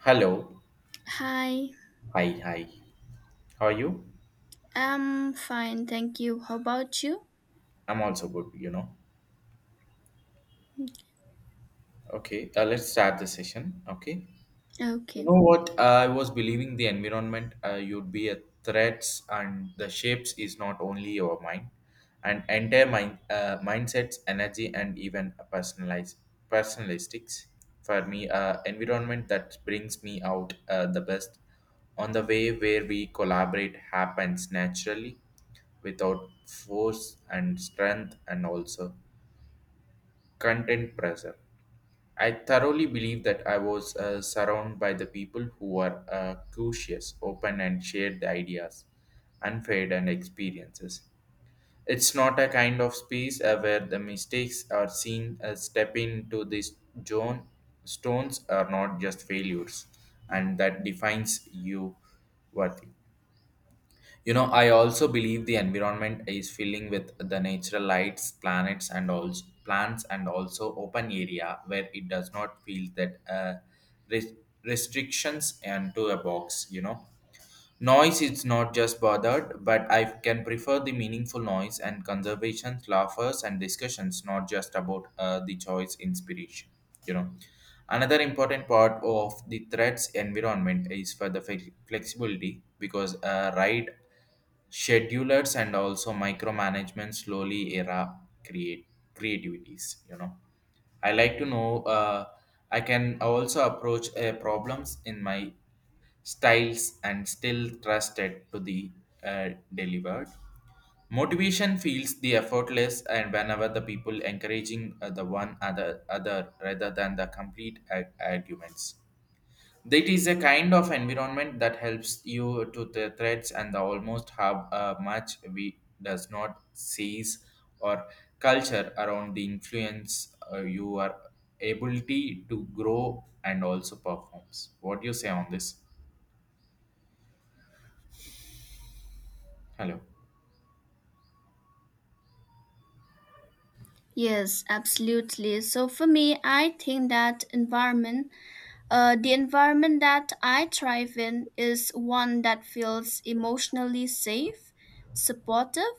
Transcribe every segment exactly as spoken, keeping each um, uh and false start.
Hello. Hi, Hi, hi. How are you? I'm fine, thank you. How about you? I'm also good, you know. Okay, uh, let's start the session. Okay. You Okay. know what? I was believing the environment uh, you'd be a threats and the shapes is not only your mind, and entire mind uh, mindsets, energy, and even personalized personalistics. For me, uh, environment that brings me out uh, the best on the way where we collaborate happens naturally, without force and strength, and also content pressure. I thoroughly believe that I was uh, surrounded by the people who were uh, curious, open, and shared the ideas, unfair, and experiences. It's not a kind of space uh, where the mistakes are seen as stepping into this zone. Stones are not just failures, and that defines you worthy. You know, I also believe the environment is filling with the natural lights, planets, and also plants, and also open area where it does not feel that uh, res- restrictions and to a box. You know, noise is not just bothered, but I can prefer the meaningful noise and conservation, laughers, and discussions, not just about uh, the choice inspiration. You know. Another important part of the threats environment is for the flex- flexibility because uh, right schedulers and also micromanagement slowly era create creativities, you know. I like to know, uh, I can also approach uh, problems in my styles and still trusted to the uh, delivered motivation feels the effortless. And whenever the people encouraging uh, the one other other rather than the complete ar- arguments, that is a kind of environment that helps you to the threats, and the almost have a much we does not seize or culture around the influence uh, you are ability to grow and also performs. What do you say on this? Hello. Yes, absolutely. So for me, I think that environment, uh, the environment that I thrive in is one that feels emotionally safe, supportive,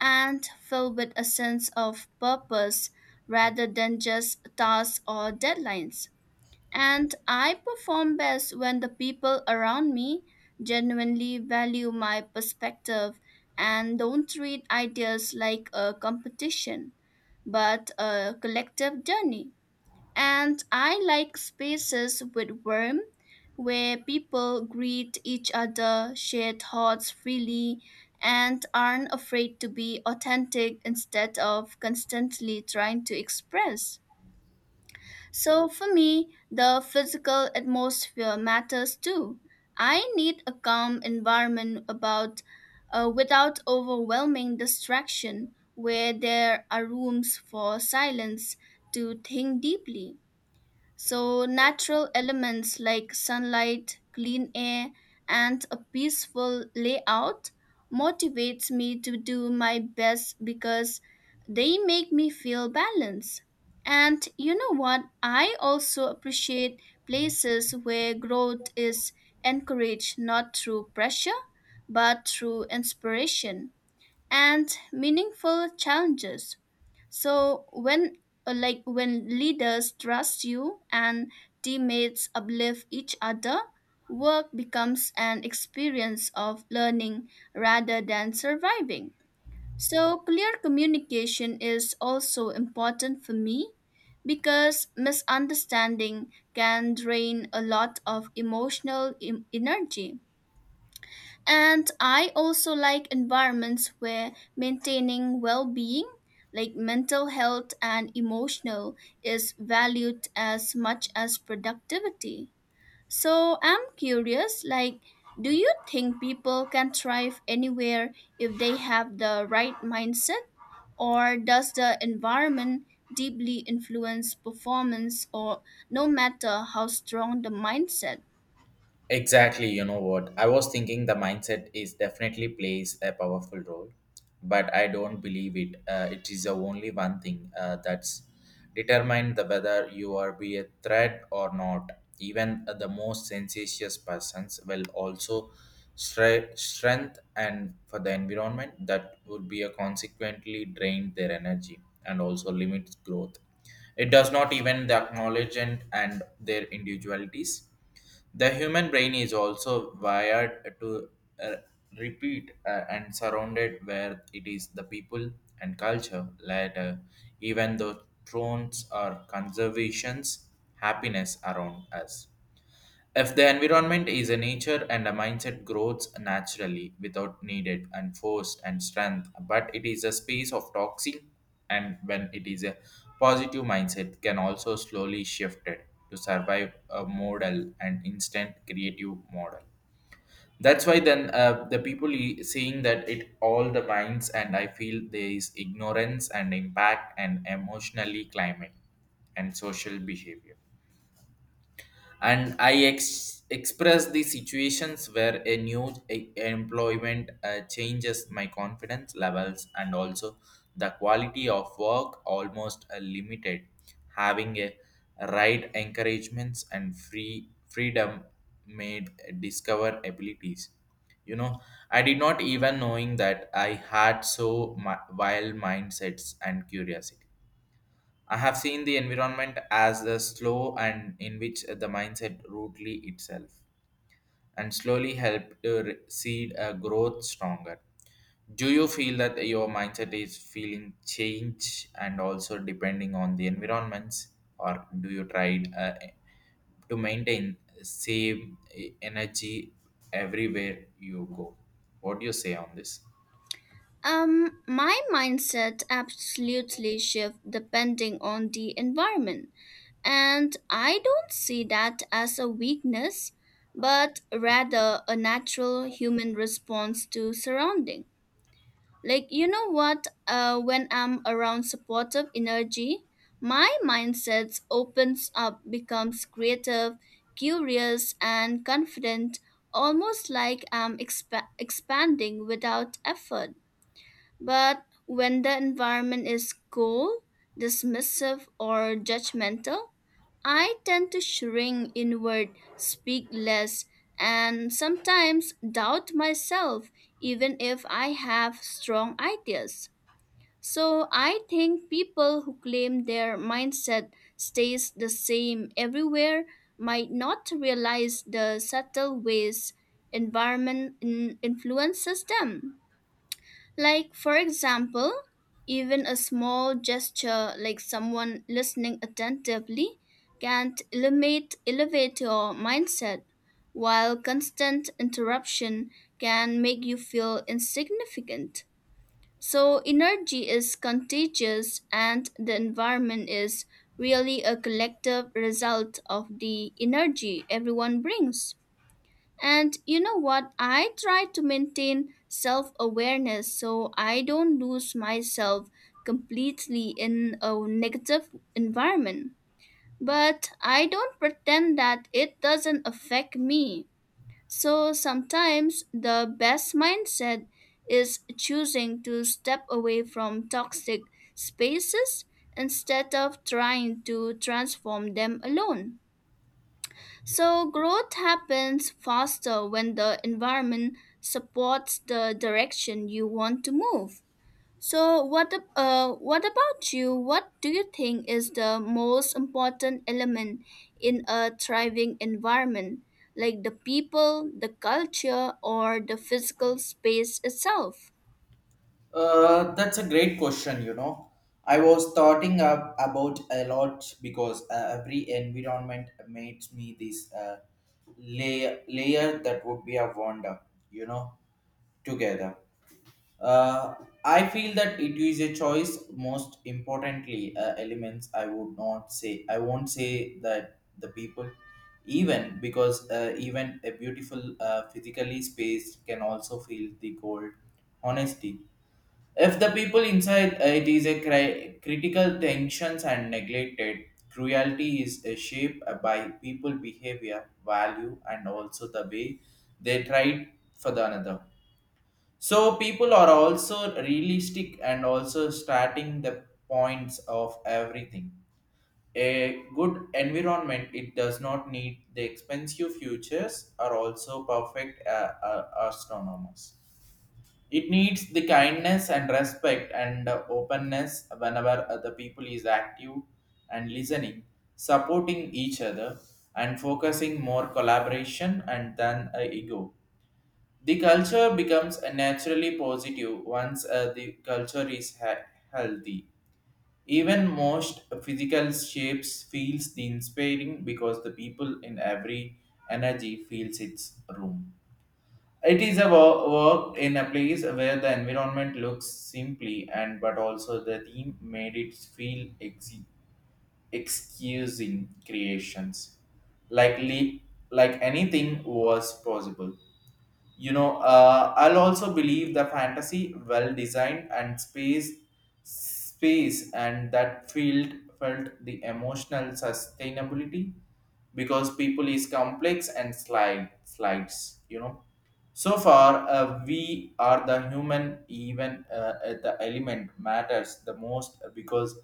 and filled with a sense of purpose rather than just tasks or deadlines. And I perform best when the people around me genuinely value my perspective and don't treat ideas like a competition, but a collective journey. And I like spaces with warmth where people greet each other, share thoughts freely, and aren't afraid to be authentic instead of constantly trying to express. So for me, the physical atmosphere matters too. I need a calm environment about uh, without overwhelming distraction where there are rooms for silence to think deeply. So, natural elements like sunlight, clean air, and a peaceful layout motivates me to do my best because they make me feel balanced. And you know what? I also appreciate places where growth is encouraged not through pressure but through inspiration and meaningful challenges. So when uh, like when leaders trust you and teammates uplift each other, work becomes an experience of learning rather than surviving. So clear communication is also important for me because misunderstanding can drain a lot of emotional em- energy. And I also like environments where maintaining well being, like mental health and emotional, is valued as much as productivity. So I'm curious, like, do you think people can thrive anywhere if they have the right mindset? Or does the environment deeply influence performance, or no matter how strong the mindset? Exactly, you know what? I was thinking the mindset is definitely plays a powerful role, but I don't believe it. Uh, it is the only one thing uh, that's determined the whether you are be a threat or not. Even uh, the most sensacious persons will also stre- strength and for the environment that would be a consequently drain their energy and also limits growth. It does not even the acknowledge and, and their individualities. The human brain is also wired to uh, repeat uh, and surrounded where it is the people and culture later, even though thrones or conservations happiness around us. If the environment is a nature and a mindset grows naturally without needed and forced and strength, but it is a space of toxic and when it is a positive mindset can also slowly shifted to survive a model and instant creative model. That's why then uh, the people e- seeing that it all the minds, and I feel there is ignorance and impact and emotionally climate and social behavior. And i ex- express the situations where a new e- employment uh, changes my confidence levels and also the quality of work almost uh, limited, having a right encouragements and free freedom made discover abilities, you know. I did not even knowing that I had so mi- wild mindsets and curiosity. I have seen the environment as the slow and in which the mindset rudely itself and slowly help to re- seed a growth stronger. Do you feel that your mindset is feeling change and also depending on the environments, or do you try uh, to maintain same e-, energy everywhere you go? What do you say on this? Um, my mindset absolutely shifts depending on the environment, and I don't see that as a weakness, but rather a natural human response to surrounding. Like you know what? Uh, when I'm around supportive energy, my mindset opens up, becomes creative, curious, and confident, almost like I'm expa- expanding without effort. But when the environment is cold, dismissive, or judgmental, I tend to shrink inward, speak less, and sometimes doubt myself, even if I have strong ideas. So I think people who claim their mindset stays the same everywhere might not realize the subtle ways environment in- influences them. Like, for example, even a small gesture like someone listening attentively can elevate, elevate your mindset, while constant interruption can make you feel insignificant. So, energy is contagious, and the environment is really a collective result of the energy everyone brings. And you know what? I try to maintain self awareness so I don't lose myself completely in a negative environment. But I don't pretend that it doesn't affect me. So sometimes the best mindset is choosing to step away from toxic spaces instead of trying to transform them alone. So, growth happens faster when the environment supports the direction you want to move. So, what, ab- uh, what about you? What do you think is the most important element in a thriving environment, like the people, the culture, or the physical space itself? Uh, that's a great question, you know. I was thoughting up about a lot because uh, every environment makes me this uh, layer, layer that would be a wonder, you know, together. Uh, I feel that it is a choice. Most importantly, uh, elements I would not say. I won't say that the people, even because uh, even a beautiful uh, physically space can also feel the cold honesty if the people inside uh, it is a cri- critical tensions and neglected. Cruelty is uh, shaped by people behavior, value, and also the way they tried for the another. So people are also realistic and also starting the points of everything. A good environment, it does not need the expensive futures are also perfect uh, uh, astronomers. It needs the kindness and respect and uh, openness whenever uh, the people is active and listening, supporting each other and focusing more collaboration and than uh, ego. The culture becomes a naturally positive once uh, the culture is he- healthy. Even most physical shapes feels the inspiring because the people in every energy feels its room. It is a wo- Work in a place where the environment looks simply and but also the theme made it feel ex- excusing creations. Likely, like anything was possible. You know, uh, I'll also believe the fantasy well designed and space space and that field felt the emotional sustainability because people is complex and slide slides, you know. So far, uh, we are the human, even uh, at the element matters the most because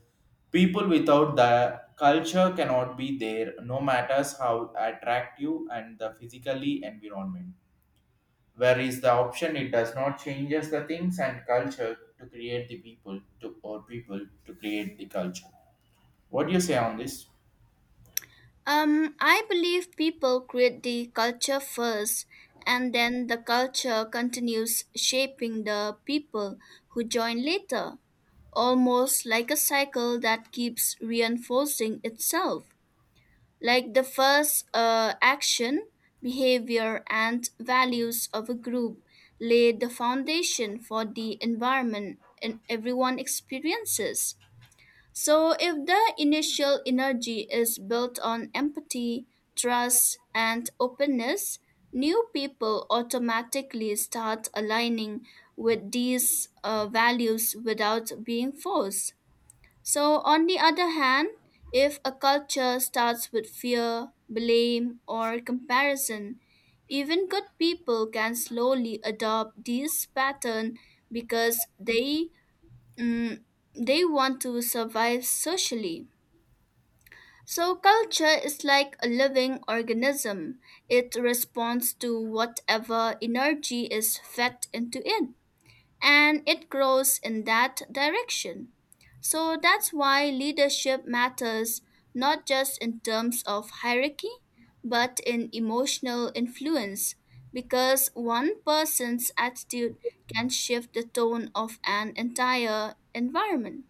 people without the culture cannot be there, no matters how attractive and the physically environment, whereas the option it does not changes the things and culture to create the people to or people to create the culture. What do you say on this? Um, I believe people create the culture first, and then the culture continues shaping the people who join later, almost like a cycle that keeps reinforcing itself. Like the first uh, action, behavior, and values of a group lay the foundation for the environment and everyone experiences. So, if the initial energy is built on empathy, trust, and openness, new people automatically start aligning with these uh, values without being forced. So, on the other hand, if a culture starts with fear, blame, or comparison, even good people can slowly adopt this pattern because they Mm, they want to survive socially. So, culture is like a living organism. It responds to whatever energy is fed into it, and it grows in that direction. So, that's why leadership matters not just in terms of hierarchy, but in emotional influence, because one person's attitude can shift the tone of an entire environment.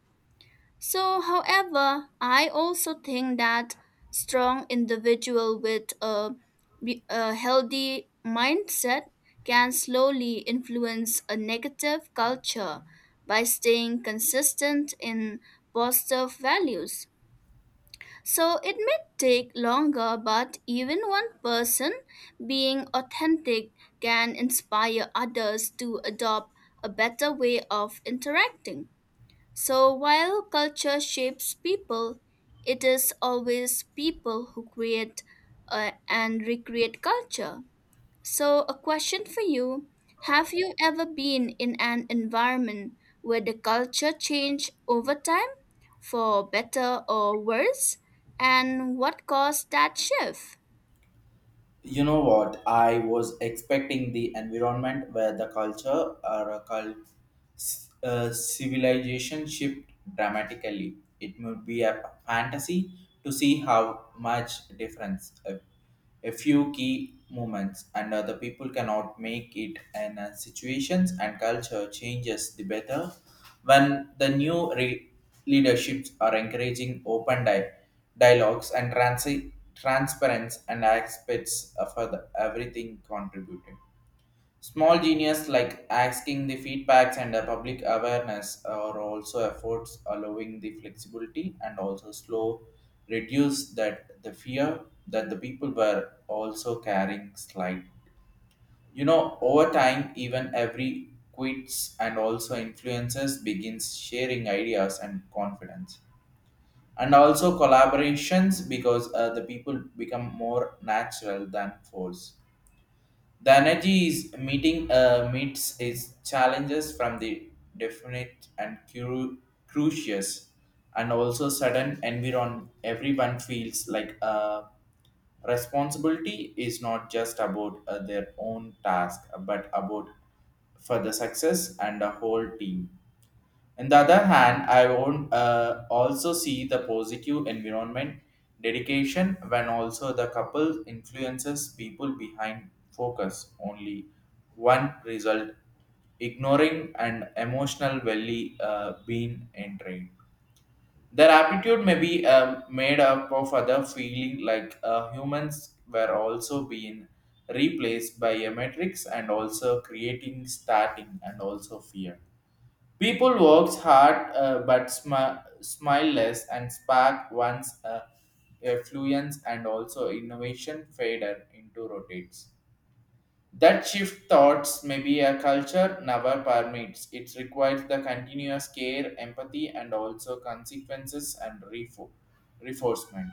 So, however, I also think that strong individual with a, be- a healthy mindset can slowly influence a negative culture by staying consistent in positive values. So it may take longer, but even one person being authentic can inspire others to adopt a better way of interacting. So while culture shapes people, it is always people who create uh, and recreate culture. So, a question for you. Have you ever been in an environment where the culture changed over time, for better or worse? And what caused that shift? You know what? I was expecting the environment where the culture or a cult, uh, civilization shift dramatically. It would be a fantasy to see how much difference a, a few key moments and other people cannot make it and uh, situations and culture changes the better when the new re- leaderships are encouraging open dialogue. Dialogues and transi- transparency and aspects of other- everything contributed. Small genius like asking the feedbacks and a public awareness are also efforts allowing the flexibility and also slow reduce that the fear that the people were also carrying slight. You know, over time, even every quits and also influences begins sharing ideas and confidence and also collaborations because uh, the people become more natural than force. The energy is meeting uh, meets its challenges from the definite and cru- crucious and also sudden environment. Everyone feels like uh, responsibility is not just about uh, their own task but about for the success and the whole team. On the other hand, I won't uh, also see the positive environment dedication when also the couple influences people behind focus only one result, ignoring and emotional value uh, being entrained. Their aptitude may be uh, made up of other feeling like uh, humans were also being replaced by a matrix and also creating starting and also fear. People works hard uh, but smi- smile less and spark once uh, affluence and also innovation fader into rotates. That shift thoughts may be a culture never permits. It requires the continuous care, empathy, and also consequences and refo- reinforcement.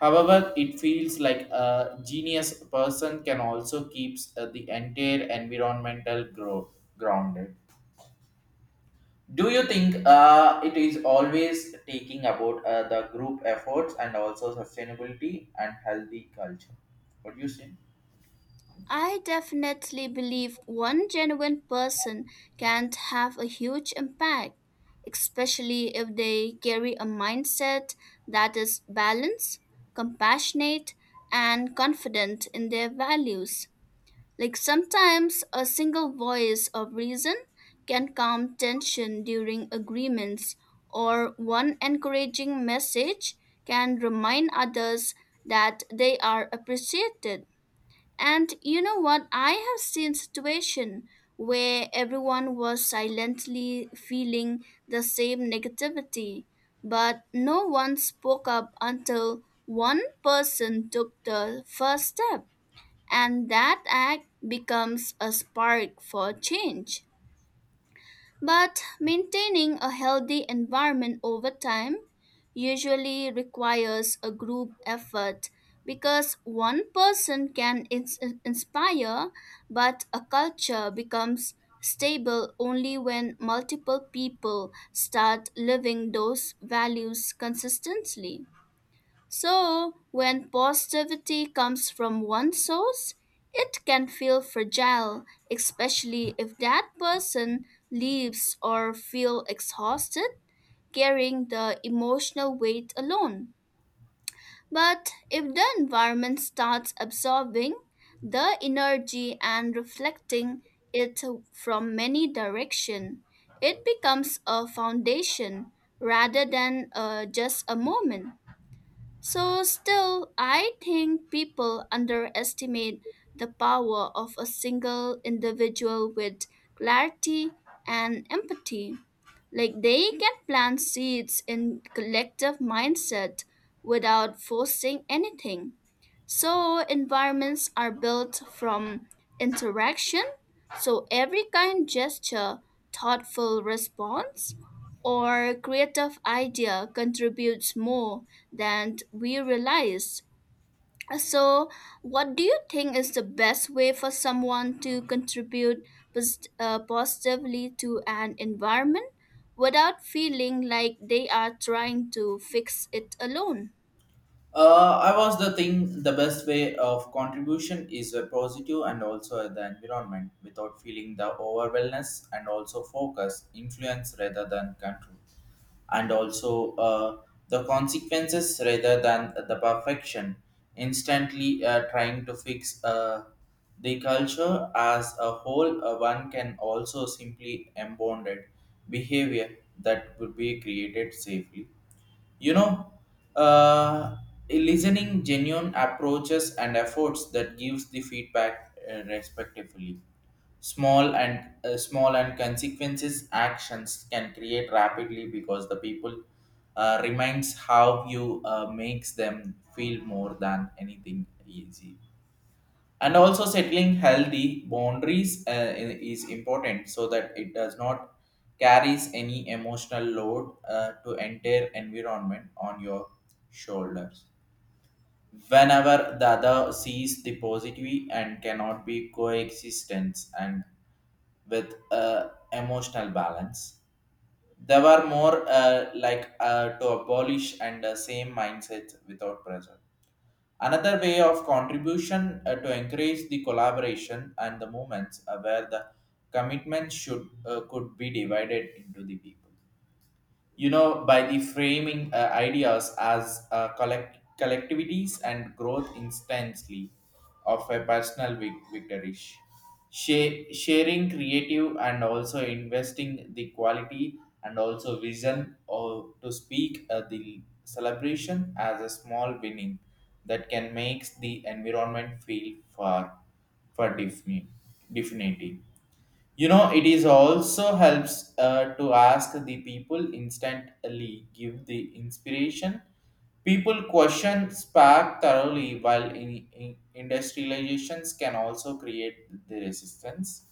However, it feels like a genius person can also keeps uh, the entire environmental grow grounded. Do you think uh, it is always taking about uh, the group efforts and also sustainability and healthy culture? What do you say? I definitely believe one genuine person can have a huge impact, especially if they carry a mindset that is balanced, compassionate, and confident in their values. Like sometimes a single voice of reason can calm tension during agreements, or one encouraging message can remind others that they are appreciated. And you know what? I have seen situation where everyone was silently feeling the same negativity, but no one spoke up until one person took the first step, and that act becomes a spark for change. But maintaining a healthy environment over time usually requires a group effort because one person can ins- inspire, but a culture becomes stable only when multiple people start living those values consistently. So, when positivity comes from one source, it can feel fragile, especially if that person leaves or feel exhausted, carrying the emotional weight alone. But if the environment starts absorbing the energy and reflecting it from many directions, it becomes a foundation rather than uh, just a moment. So, still, I think people underestimate the power of a single individual with clarity and empathy. Like, they can plant seeds in collective mindset without forcing anything. So, environments are built from interaction. So, every kind gesture, thoughtful response, or creative idea contributes more than we realize. So, what do you think is the best way for someone to contribute pos- uh, positively to an environment without feeling like they are trying to fix it alone? Uh, I was the thing. The best way of contribution is a positive and also the environment without feeling the overwhelmness and also focus influence rather than control, and also uh, the consequences rather than the perfection. Instantly uh, trying to fix uh, the culture as a whole, uh, one can also simply embounded behavior that would be created safely, you know. uh, Listening genuine approaches and efforts that gives the feedback uh, respectively small and uh, small and consequences actions can create rapidly because the people uh, reminds how you uh, makes them feel more than anything easy. And also settling healthy boundaries, uh, i- is important so that it does not carries any emotional load uh, to entire environment on your shoulders. Whenever the other sees the positive and cannot be coexistence and with uh, emotional balance, they were more uh, like uh, to abolish and uh, same mindset without pressure. Another way of contribution uh, to encourage the collaboration and the movements uh, where the commitment should uh, could be divided into the people, you know, by the framing uh, ideas as uh, collect- collectivities and growth instantly of a personal vic- victory. Sha- sharing creative and also investing the quality and also vision or to speak uh, the celebration as a small winning, that can makes the environment feel far for defini- definitely. You know, it is also helps uh, to ask the people instantly, give the inspiration. People question spark thoroughly, while in, in industrializations can also create the resistance.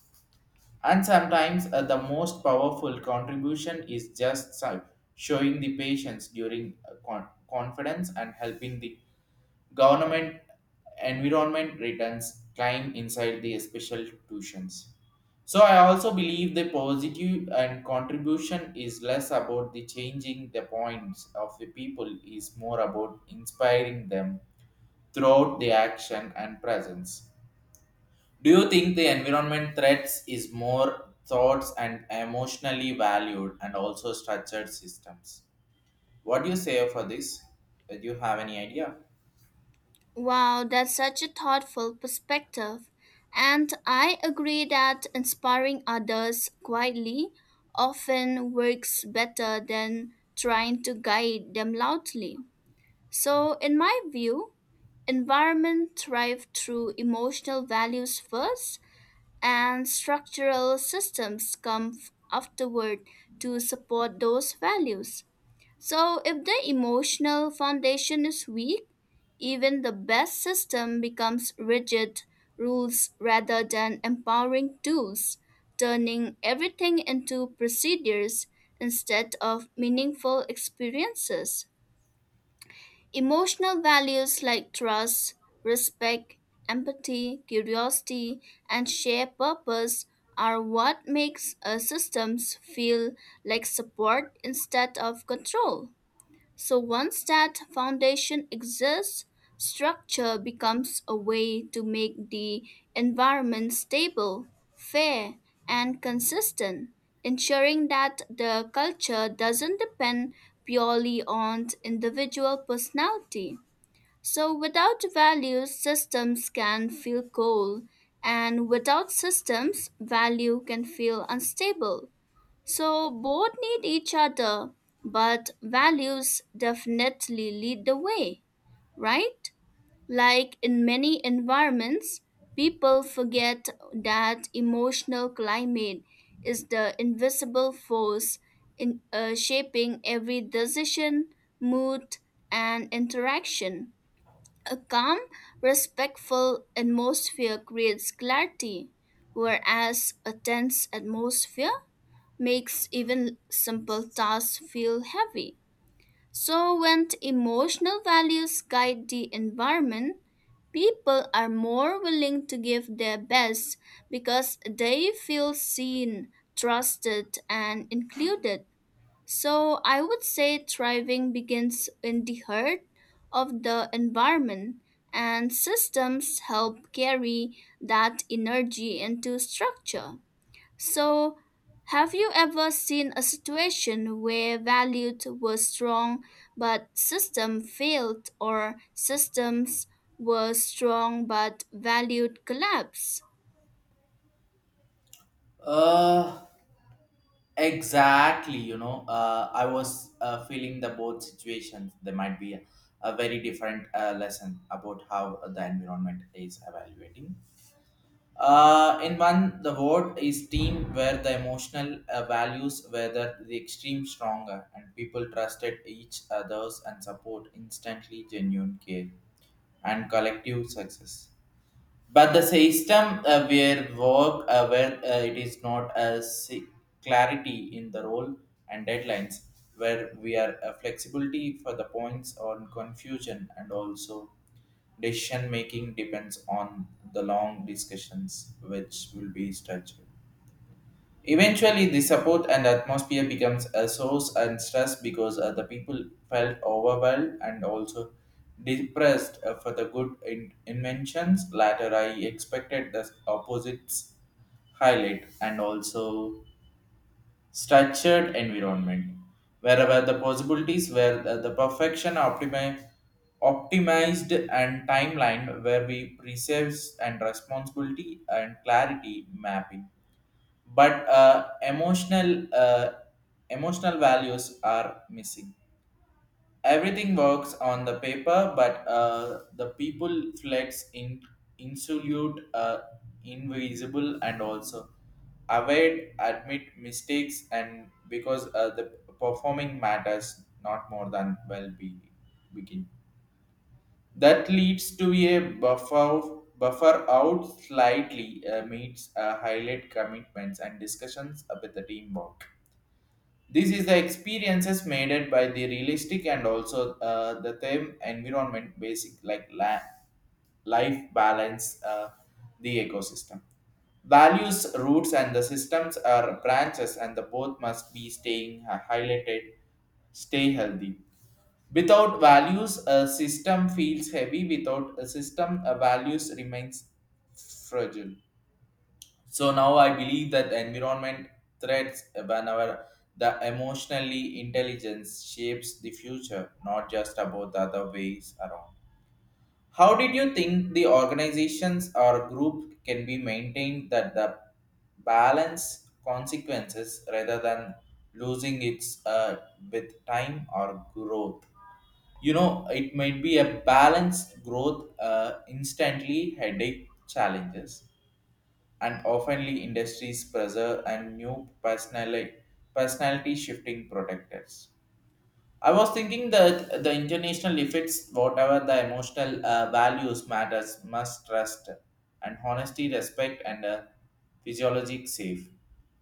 And sometimes uh, the most powerful contribution is just si- showing the patience during uh, con- confidence and helping the government environment returns climb inside the special tuitions. So I also believe the positive and contribution is less about the changing the points of the people is more about inspiring them throughout the action and presence. Do you think the environment threats is more thoughts and emotionally valued and also structured systems? What do you say for this? Do you have any idea? Wow, that's such a thoughtful perspective. And I agree that inspiring others quietly often works better than trying to guide them loudly. So, in my view, environment thrive through emotional values first and structural systems come f- afterward to support those values. So, if the emotional foundation is weak, even the best system becomes rigid rules rather than empowering tools, turning everything into procedures instead of meaningful experiences. Emotional values like trust, respect, empathy, curiosity, and shared purpose are what makes a systems feel like support instead of control. So once that foundation exists, structure becomes a way to make the environment stable, fair, and consistent, ensuring that the culture doesn't depend purely on individual personality. So without values, systems can feel cold, and without systems, value can feel unstable. So both need each other, but values definitely lead the way, right? Like in many environments, people forget that emotional climate is the invisible force in uh, shaping every decision, mood, and interaction. A calm, respectful atmosphere creates clarity, whereas a tense atmosphere makes even simple tasks feel heavy. So, when emotional values guide the environment, people are more willing to give their best because they feel seen, trusted, and included. So, I would say thriving begins in the heart of the environment, and systems help carry that energy into structure. So, have you ever seen a situation where values were strong but system failed or systems were strong but valued collapse? Uh, Exactly, you know, uh, I was uh, feeling the both situations. There might be a, a very different uh, lesson about how the environment is evaluating. Uh, in one, the word is team, where the emotional uh, values were the, the extreme stronger, and people trusted each others and support instantly genuine care and collective success, but the system uh, where work uh, where uh, it is not as clarity in the role and deadlines where we are uh, flexibility for the points on confusion and also decision making depends on the long discussions which will be structured. Eventually, the support and atmosphere becomes a source and stress because uh, the people felt overwhelmed and also depressed uh, for the good in- inventions. Later, I expected the opposites highlight and also structured environment, wherever the possibilities were the, the perfection optimi- optimized and timeline where we preserves and responsibility and clarity mapping, but uh, emotional uh, emotional values are missing. Everything works on the paper, but uh, the people flex in insolute uh, invisible and also avoid admit mistakes and because uh, the performing matters not more than well being begin that leads to a buffer buffer out slightly uh, meets uh, highlight commitments and discussions with the teamwork. This is the experiences made it by the realistic and also uh, the theme environment basic like la- life balance, uh, the ecosystem. Values, roots, and the systems are branches, and the both must be staying uh, highlighted, stay healthy. Without values, a system feels heavy. Without a system, a values remains fragile. So now I believe that environment threats whenever the emotionally intelligence shapes the future, not just about the other ways around. How did you think the organizations or group can be maintained that the balance consequences rather than losing its uh, with time or growth? You know, it might be a balanced growth uh, instantly headache challenges and oftenly industries pressure and new personality, personality shifting protectors. I was thinking that the international effects, whatever the emotional uh, values matters, must trust and honesty, respect, and uh, physiologic safe.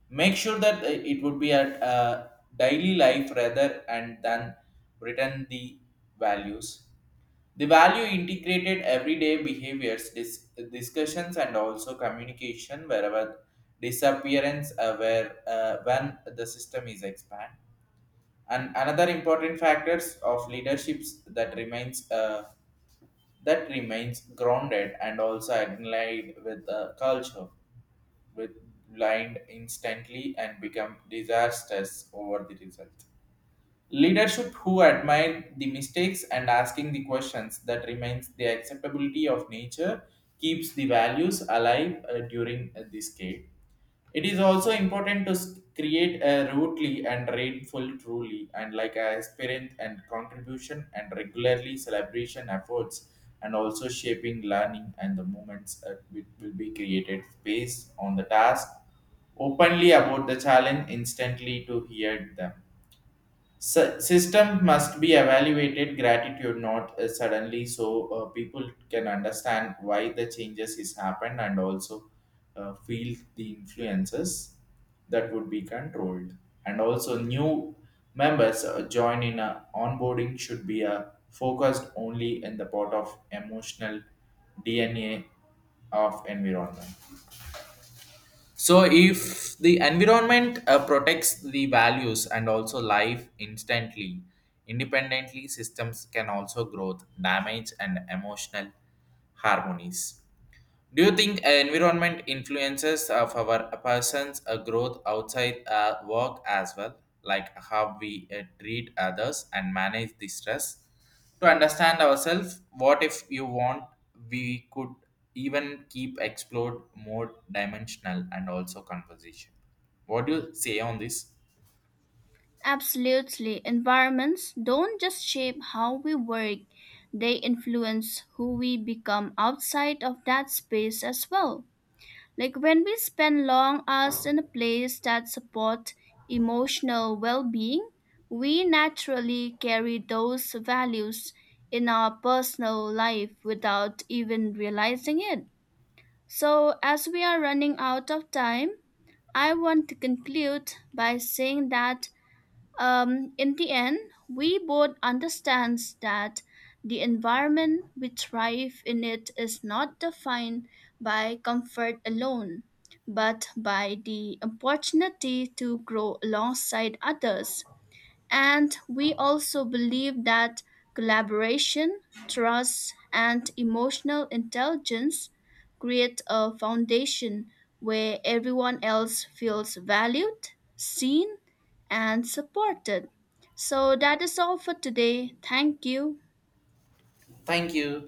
Make sure that uh, it would be at uh, daily life rather and than written the values. The value integrated everyday behaviors, dis- discussions, and also communication wherever disappearance uh, where uh, when the system is expanded, and another important factors of leaderships that remains uh, that remains grounded and also aligned with the culture with blind instantly and become disastrous over the result. Leadership who admire the mistakes and asking the questions that remains the acceptability of nature keeps the values alive uh, during uh, this decade. It is also important to s- create a rootly and rainful truly and like a aspirant and contribution and regularly celebration efforts and also shaping learning and the moments that will will be created based on the task openly about the challenge instantly to hear them. Sy- system must be evaluated gratitude not uh, suddenly, so uh, people can understand why the changes is happened and also uh, feel the influences that would be controlled, and also new members uh, join in a onboarding should be uh, focused only in the part of emotional D N A of environment. So, if the environment uh, protects the values and also life instantly, independently, systems can also grow, damage, and emotional harmonies. Do you think environment influences uh, of our person's uh, growth outside uh, work as well, like how we uh, treat others and manage the stress? To understand ourselves, what if you want, we could even keep explored more dimensional and also conversation. What do you say on this? Absolutely. Environments don't just shape how we work, they influence who we become outside of that space as well. Like when we spend long hours in a place that supports emotional well being, we naturally carry those values in our personal life without even realizing it. So, as we are running out of time, I want to conclude by saying that um, in the end, we both understand that the environment we thrive in it is not defined by comfort alone, but by the opportunity to grow alongside others. And we also believe that collaboration, trust, and emotional intelligence create a foundation where everyone else feels valued, seen, and supported. So that is all for today. Thank you. Thank you.